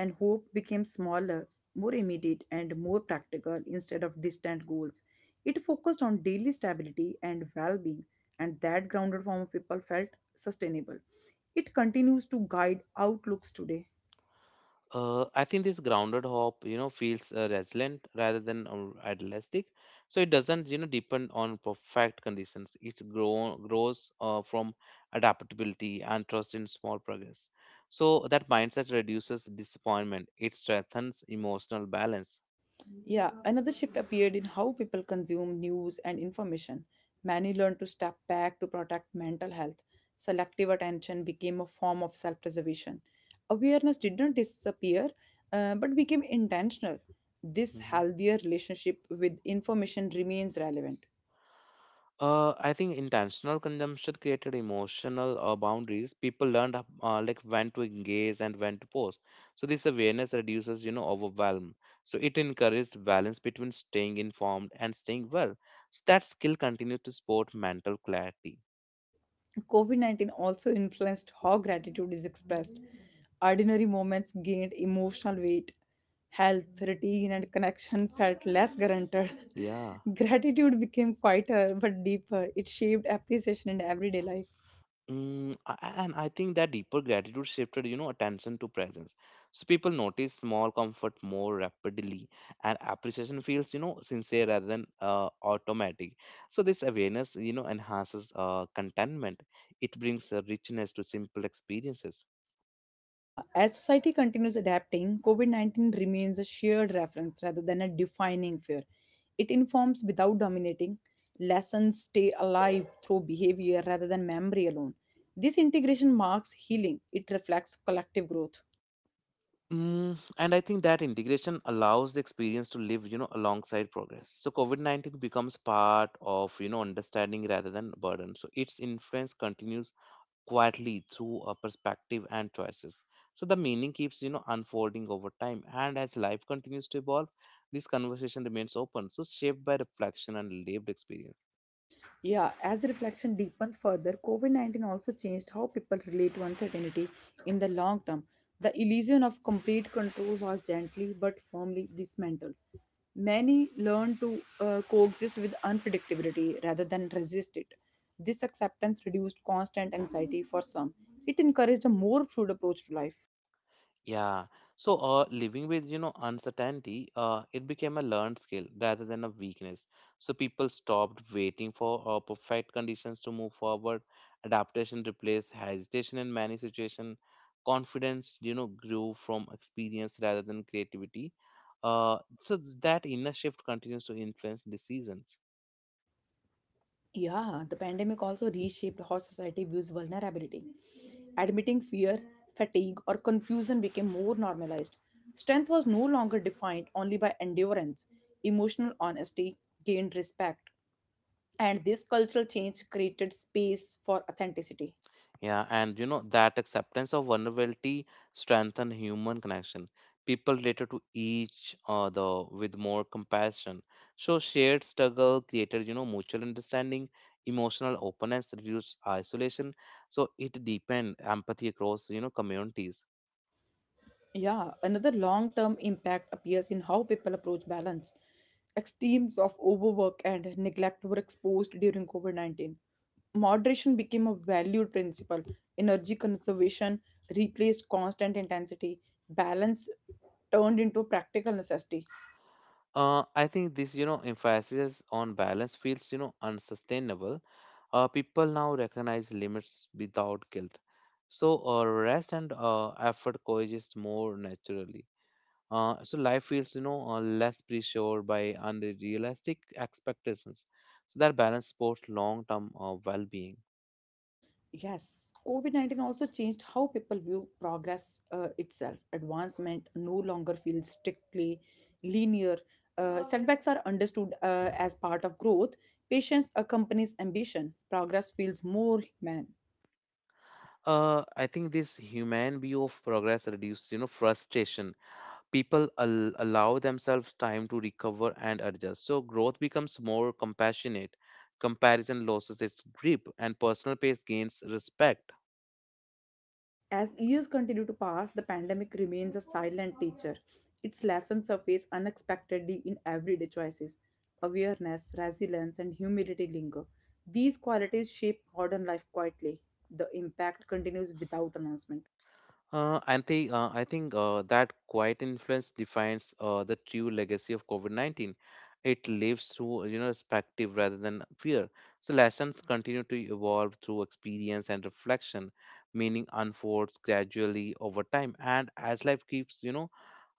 [SPEAKER 2] and hope became smaller, more immediate, and more practical instead of distant goals. It focused on daily stability and well being, and that grounded form of people felt sustainable. It continues to guide outlooks today.
[SPEAKER 1] I think this grounded hope, feels resilient rather than idealistic. So it doesn't, depend on perfect conditions. It grows from adaptability and trust in small progress. So that mindset reduces disappointment. It strengthens emotional balance.
[SPEAKER 2] Yeah, another shift appeared in how people consume news and information. Many learned to step back to protect mental health. Selective attention became a form of self preservation. Awareness did not disappear, but became intentional. This
[SPEAKER 1] Mhm.
[SPEAKER 2] healthier relationship with information remains relevant.
[SPEAKER 1] I think intentional consumption created emotional boundaries. People learned when to engage and when to pause. So this awareness reduces, overwhelm. So it encouraged balance between staying informed and staying well. So that skill continued to support mental clarity.
[SPEAKER 2] COVID COVID-19 also influenced how gratitude is expressed. Ordinary moments gained emotional weight, health, routine, and connection felt less guaranteed.
[SPEAKER 1] Yeah.
[SPEAKER 2] <laughs> Gratitude became quieter but deeper. It shaped appreciation in everyday life.
[SPEAKER 1] And I think that deeper gratitude shifted, attention to presence. So people notice small comfort more rapidly, and appreciation feels, sincere rather than automatic. So this awareness, enhances contentment. It brings a richness to simple experiences.
[SPEAKER 2] Yeah, as society continues adapting, COVID COVID-19 remains a shared reference rather than a defining fear. It informs without dominating, lessons stay alive through behavior rather than memory alone. This integration marks healing, it reflects collective growth.
[SPEAKER 1] Mm, and I think that integration allows the experience to live, alongside progress. So COVID-19 becomes part of, understanding rather than burden. So its influence continues quietly through a perspective and choices. So the meaning keeps, unfolding over time. And as life continues to evolve, this conversation remains open, so shaped by reflection and lived experience.
[SPEAKER 2] Yeah, as the reflection deepens further, COVID COVID-19 also changed how people relate to uncertainty in the long term. The illusion of complete control was gently but firmly dismantled. Many learned to coexist with unpredictability rather than resist it. This acceptance reduced constant anxiety for some. It encouraged a more fluid approach to life.
[SPEAKER 1] Yeah. So, living with, uncertainty, it became a learned skill rather than a weakness. So people stopped waiting for perfect conditions to move forward. Adaptation replaced hesitation in many situations. Confidence, grew from experience rather than creativity. So that inner shift continues to influence decisions.
[SPEAKER 2] Yeah, the pandemic also reshaped how society views vulnerability. Admitting fear, fatigue, or confusion became more normalized. Strength was no longer defined only by endurance, emotional honesty gained respect, and this cultural change created space for authenticity.
[SPEAKER 1] Yeah, and you know that acceptance of vulnerability strengthen human connection. People related to each other with more compassion. So shared struggle created, mutual understanding, emotional openness, reduced isolation. So it deepened empathy across, communities.
[SPEAKER 2] Yeah, another long term impact appears in how people approach balance. Extremes of overwork and neglect were exposed during COVID COVID-19. Moderation became a valued principle. Energy conservation replaced constant intensity. Balance turned into a practical necessity.
[SPEAKER 1] I think this, emphasis on balance feels, unsustainable. People now recognize limits without guilt. So rest and effort coexist more naturally. So life feels, less pressured by unrealistic expectations. So that balance supports long-term well-being.
[SPEAKER 2] Yes, COVID COVID-19 also changed how people view progress itself. Advancement no longer feels strictly linear. Setbacks are understood as part of growth, patience accompanies ambition. Progress feels more human.
[SPEAKER 1] I think this human view of progress reduces, frustration. People allow themselves time to recover and adjust. So growth becomes more compassionate. Comparison loses its grip, and personal pace gains respect.
[SPEAKER 2] As years continue to pass, the pandemic remains a silent teacher. Its lessons surface unexpectedly in everyday choices. Awareness, resilience, and humility linger. These qualities shape modern life quietly. The impact continues without announcement.
[SPEAKER 1] And I think that quiet influence defines the true legacy of COVID-19. It lives through, perspective rather than fear. So lessons continue to evolve through experience and reflection, meaning unfolds gradually over time. And as life keeps, you know,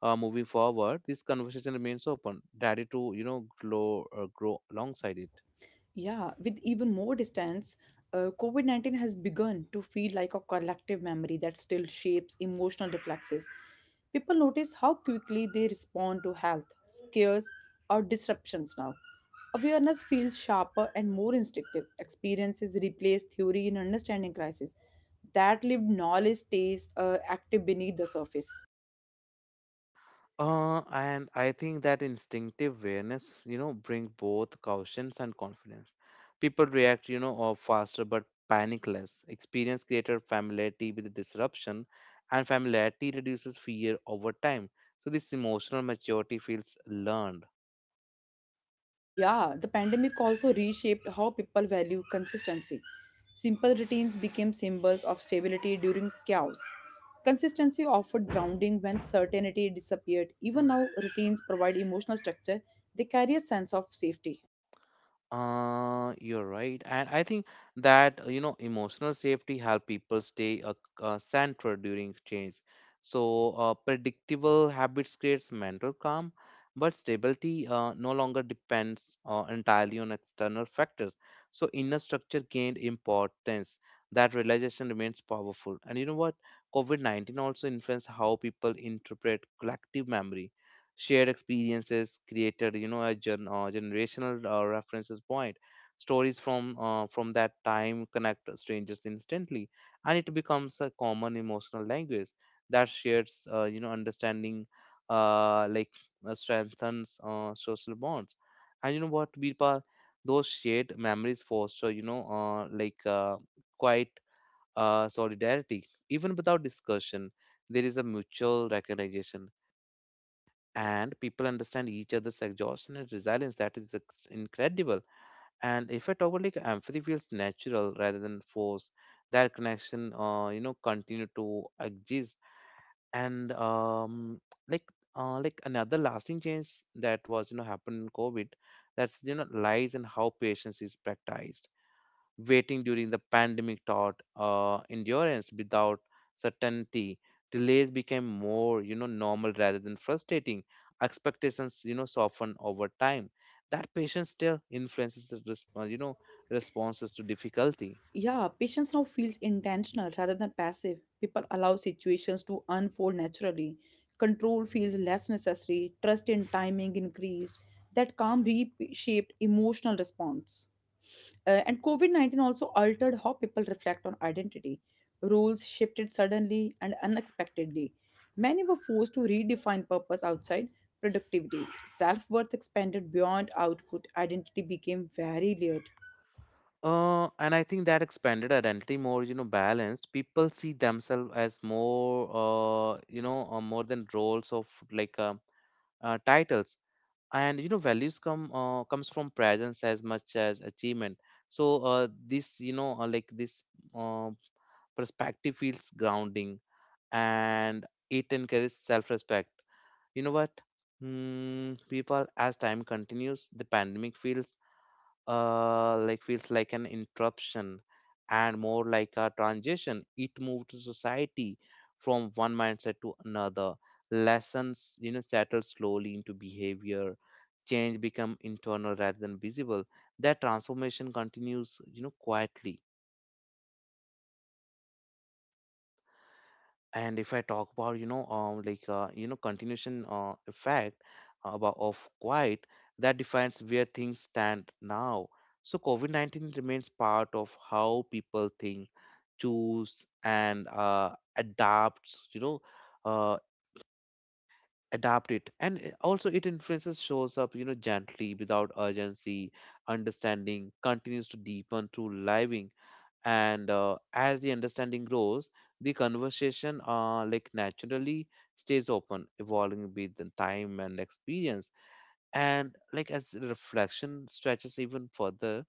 [SPEAKER 1] uh, moving forward, this conversation remains open, ready to, grow alongside it.
[SPEAKER 2] Yeah, with even more distance, COVID COVID-19 has begun to feel like a collective memory that still shapes emotional reflexes. People notice how quickly they respond to health, scares, or disruptions now. Awareness feels sharper and more instinctive. Experiences replace theory in understanding crisis. That lived knowledge stays active beneath the surface.
[SPEAKER 1] And I think that instinctive awareness, bring both caution and confidence. People react, you know, or faster but panic less. Experience created familiarity with disruption, and familiarity reduces fear over time. So this emotional maturity feels learned.
[SPEAKER 2] Yeah, the pandemic also reshaped how people value consistency. Simple routines became symbols of stability during chaos. Consistency offered grounding when certainty disappeared. Even now, routines provide emotional structure, they carry a sense of safety.
[SPEAKER 1] You're right, and I think that you know emotional safety help people stay centered during change. So predictable habits creates mental calm, but stability no longer depends entirely on external factors. So inner structure gained importance. That realization remains powerful. And you know what? COVID-19 also influenced how people interpret collective memory, shared experiences created, you know, a generational references point, stories from that time connect strangers instantly, and it becomes a common emotional language that shares, you know, understanding, uh, like strengthens social bonds. And you know what, Birpal, those shared memories foster, you know, quite solidarity even without discussion. There is a mutual recognition, and people understand each other's exhaustion and resilience. That is incredible. And if I talk about, like, empathy feels natural rather than forced, that connection, continue to exist. And like another lasting change that was, you know, happened in COVID, that's, you know, lies and how patience is practiced. Waiting during the pandemic taught endurance without certainty, delays became more, you know, normal rather than frustrating, expectations, you know, soften over time. That patience still influences the response, you know, responses to difficulty.
[SPEAKER 2] Yeah, patience now feels intentional rather than passive. People allow situations to unfold naturally. Control feels less necessary. Trust in timing increased. That calm reshaped emotional response. And COVID COVID-19 also altered how people reflect on identity. Roles shifted suddenly and unexpectedly. Many were forced to redefine purpose outside productivity. Self worth expanded beyond output. Identity became very layered.
[SPEAKER 1] And I think that expanded identity more, you know, balanced. People see themselves as more, more than roles of like titles, and you know values comes from presence as much as achievement. So this, you know, like this uh, perspective feels grounding, and it encourages self-respect. You know what? Hmm, people, as time continues, the pandemic feels like an interruption and more like a transition. It moved society from one mindset to another. Lessons, you know, settle slowly into behavior. Change become internal rather than visible. That transformation continues, you know, quietly. And if I talk about, you know, continuation effect about of quiet, that defines where things stand now. So covid-19 remains part of how people think, choose, and adapts, you know, uh, adapt it. And also it influences shows up, you know, gently without urgency. Understanding continues to deepen through living. And as the understanding grows, the conversation, like, naturally stays open, evolving with the time and experience. And like, as the reflection stretches even further,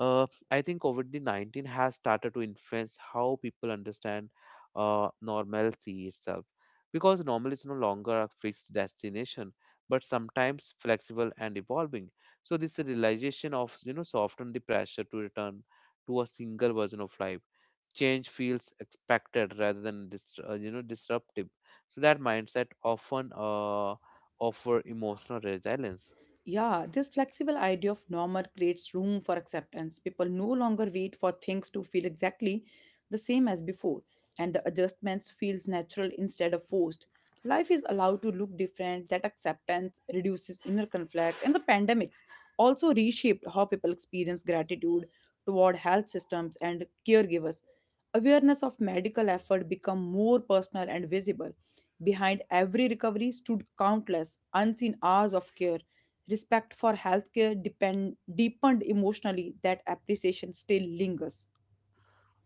[SPEAKER 1] I think COVID 19 has started to influence how people understand normalcy itself. Because normal is no longer a fixed destination, but sometimes flexible and evolving. So this realization of, you know, soften the pressure to return to a single version of life. Change feels expected rather than dis- you know disruptive. So that mindset often offer emotional resilience.
[SPEAKER 2] Yeah, this flexible idea of normal creates room for acceptance. People no longer wait for things to feel exactly the same as before, and the adjustments feels natural instead of forced. Life is allowed to look different. That acceptance reduces inner conflict, and the pandemics also reshaped how people experience gratitude toward health systems and caregivers. Awareness of medical effort become more personal and visible. Behind every recovery stood countless unseen hours of care. Respect for healthcare deepened emotionally, that appreciation still lingers.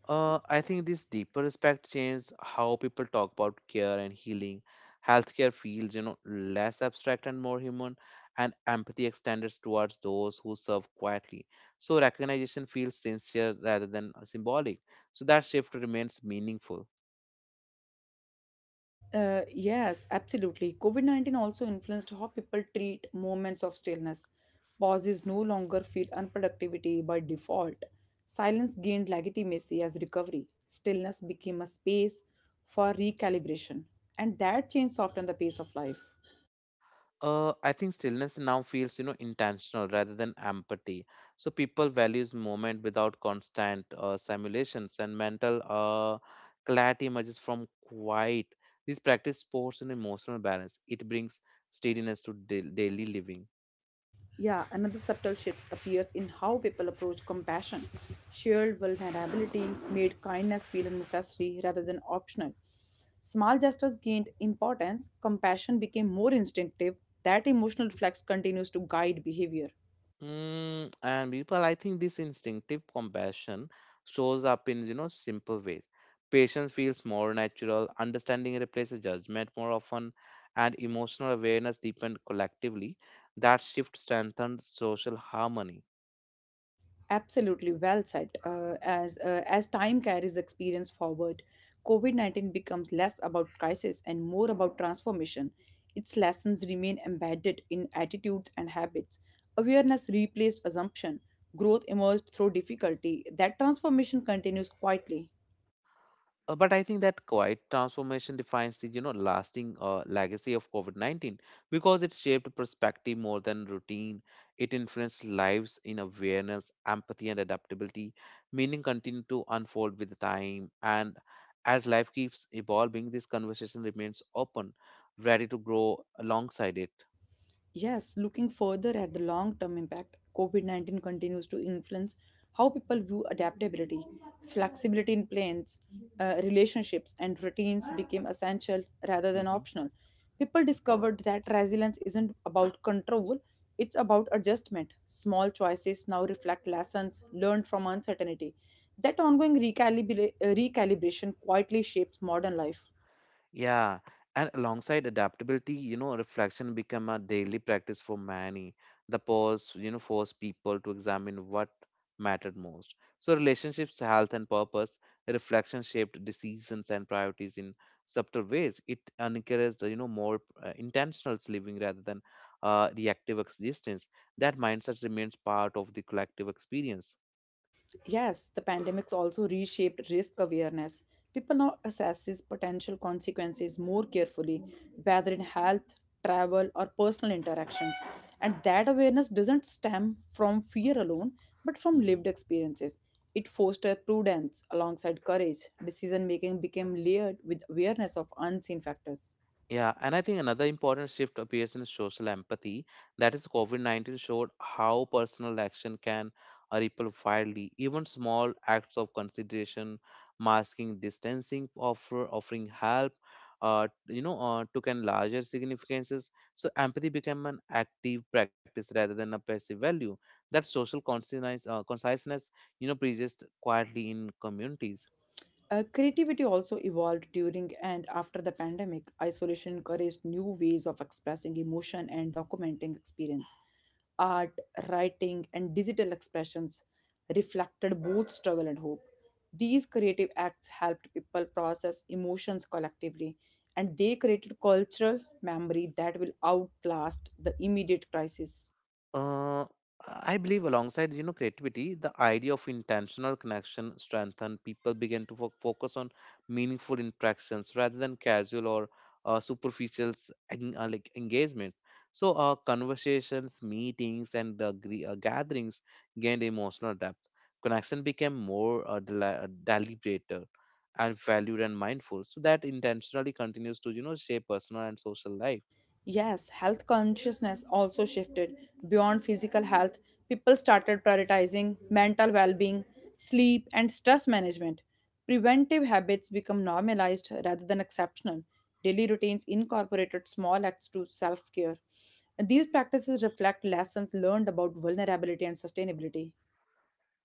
[SPEAKER 1] I think this deeper respect changed how people talk about care and healing. Healthcare feels, less abstract and more human, and empathy extended towards those who serve quietly. So recognition feels sincere rather than symbolic. So that shift remains meaningful.
[SPEAKER 2] Yes, absolutely. COVID COVID-19 also influenced how people treat moments of stillness. Pauses no longer feel unproductivity by default. Silence gained legitimacy as recovery. Stillness became a space for recalibration. And that changed often the pace of life.
[SPEAKER 1] I think stillness now feels, intentional rather than empathy. So people values moment without constant simulations and mental clarity emerges from quiet. This practice supports an emotional balance. It brings steadiness to daily living.
[SPEAKER 2] Yeah, another subtle shift appears in how people approach compassion. Shared vulnerability made kindness feel necessary rather than optional. Small gestures gained importance, compassion became more instinctive. That emotional reflex continues to guide behavior.
[SPEAKER 1] Mm, and people, I think this instinctive compassion shows up in, you know, simple ways. Patience feels more natural, understanding replaces judgment more often, and emotional awareness deepened collectively. That shift strengthens social harmony.
[SPEAKER 2] Absolutely well said. As time carries experience forward, COVID 19 becomes less about crisis and more about transformation. Its lessons remain embedded in attitudes and habits. Awareness replaced assumption. Growth emerged through difficulty. That transformation continues quietly.
[SPEAKER 1] But I think that quiet transformation defines the, you know, lasting legacy of COVID-19, because it shaped perspective more than routine. It influenced lives in awareness, empathy, and adaptability. Meaning continued to unfold with time, and as life keeps evolving, this conversation remains open, ready to grow alongside it.
[SPEAKER 2] Yes, looking further at the long term impact, COVID COVID-19 continues to influence how people view adaptability. Flexibility in plans, relationships, and routines became essential rather than
[SPEAKER 1] Mm-hmm.
[SPEAKER 2] optional. People discovered that resilience isn't about control, it's about adjustment. Small choices now reflect lessons learned from uncertainty. That ongoing recalibration quietly shapes modern life.
[SPEAKER 1] Yeah, and alongside adaptability, reflection become a daily practice for many. The pause, force people to examine what mattered most. So relationships, health, and purpose, reflection shaped decisions and priorities in subtle ways. It encouraged, more intentional living rather than reactive existence. That mindset remains part of the collective experience.
[SPEAKER 2] Yes, the pandemics also reshaped risk awareness. People now assess its potential consequences more carefully, whether in health, travel, or personal interactions. And that awareness doesn't stem from fear alone, but from
[SPEAKER 1] Mm-hmm.
[SPEAKER 2] lived experiences. It fostered prudence alongside courage. Decision making became layered with awareness of unseen factors.
[SPEAKER 1] Yeah, and I think another important shift appears in social empathy. That is, COVID 19 showed how personal action can ripple widely. Even small acts of consideration, masking, distancing, offering help, took on larger significances. So, empathy became an active practice rather than a passive value. That social conciseness, persists quietly in communities.
[SPEAKER 2] Creativity also evolved during and after the pandemic. Isolation encouraged new ways of expressing emotion and documenting experience. Art, writing, and digital expressions reflected both struggle and hope. These creative acts helped people process emotions collectively, and they created cultural memory that will outlast the immediate crisis.
[SPEAKER 1] Uh, I believe alongside, creativity, the idea of intentional connection strengthened. People began to focus on meaningful interactions rather than casual or uh, superficial, like engagements. So, conversations, meetings, and gatherings gained emotional depth. Connection became more deliberate and valued and mindful. So that intentionally continues to, shape personal and social life.
[SPEAKER 2] Yes, health consciousness also shifted. Beyond physical health, people started prioritizing mental well being, sleep, and stress management. Preventive habits become normalized rather than exceptional. Daily routines incorporated small acts to self care. These practices reflect lessons learned about vulnerability and sustainability.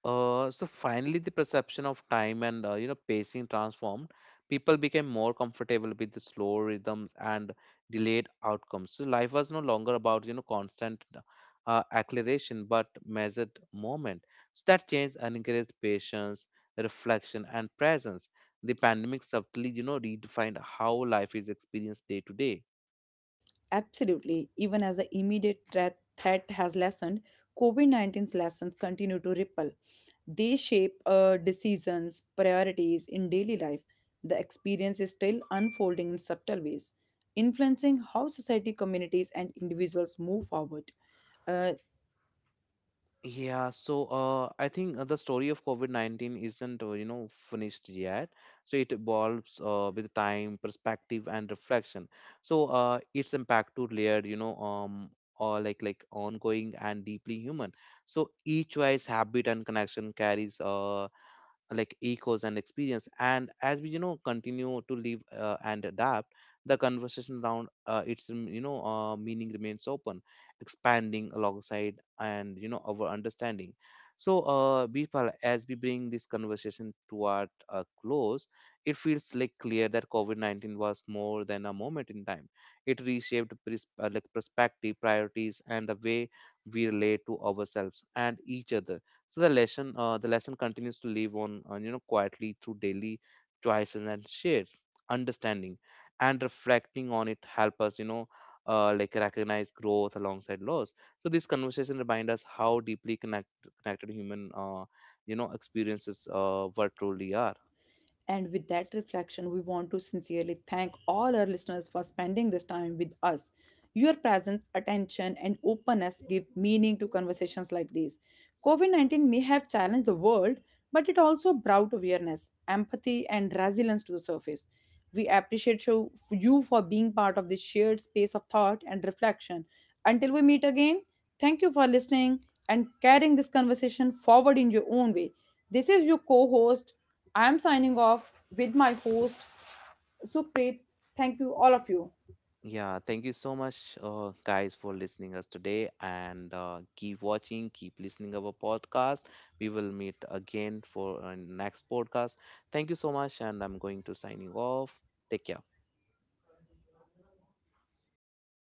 [SPEAKER 1] So finally, the perception of time and, you know, pacing transformed. People became more comfortable with the slow rhythms and delayed outcomes. So life was no longer about, you know, constant acceleration, but measured moment. So that change encouraged patience, reflection, and presence. The pandemic subtly, you know, redefined how life is experienced day to day.
[SPEAKER 2] Absolutely. Even as the immediate threat has lessened, COVID COVID-19's lessons continue to ripple. They shape decisions, priorities in daily life. The experience is still unfolding in subtle ways, influencing how society, communities, and individuals move forward. Uh,
[SPEAKER 1] Yeah, so I think the story of COVID-19 isn't, finished yet. So it evolves with time, perspective, and reflection. So its impact to layered, you know, or like ongoing and deeply human. So each choice, habit, and connection carries. Echoes and experience, and as we, you know, continue to live and adapt, the conversation around its meaning remains open, expanding alongside and, you know, our understanding. So, Bifal, as we bring this conversation toward a close, it feels like clear that covid-19 was more than a moment in time. It reshaped perspective, priorities, and the way we relate to ourselves and each other. So the lesson continues to live on, quietly, through daily choices and shared understanding, and reflecting on it help us, recognize growth alongside loss. So this conversation remind us how deeply connected human, experiences what truly are.
[SPEAKER 2] And with that reflection, we want to sincerely thank all our listeners for spending this time with us. Your presence, attention, and openness give meaning to conversations like these. COVID COVID-19 may have challenged the world, but it also brought awareness, empathy, and resilience to the surface. We appreciate you for being part of this shared space of thought and reflection. Until we meet again, thank you for listening and carrying this conversation forward in your own way. This is your co host. I am signing off with my host, Supreet. Thank you, all of you.
[SPEAKER 1] Yeah, thank you so much, guys, for listening us today, and keep watching, keep listening our podcast. We will meet again for next podcast. Thank you so much, and I'm going to signing off. Take care.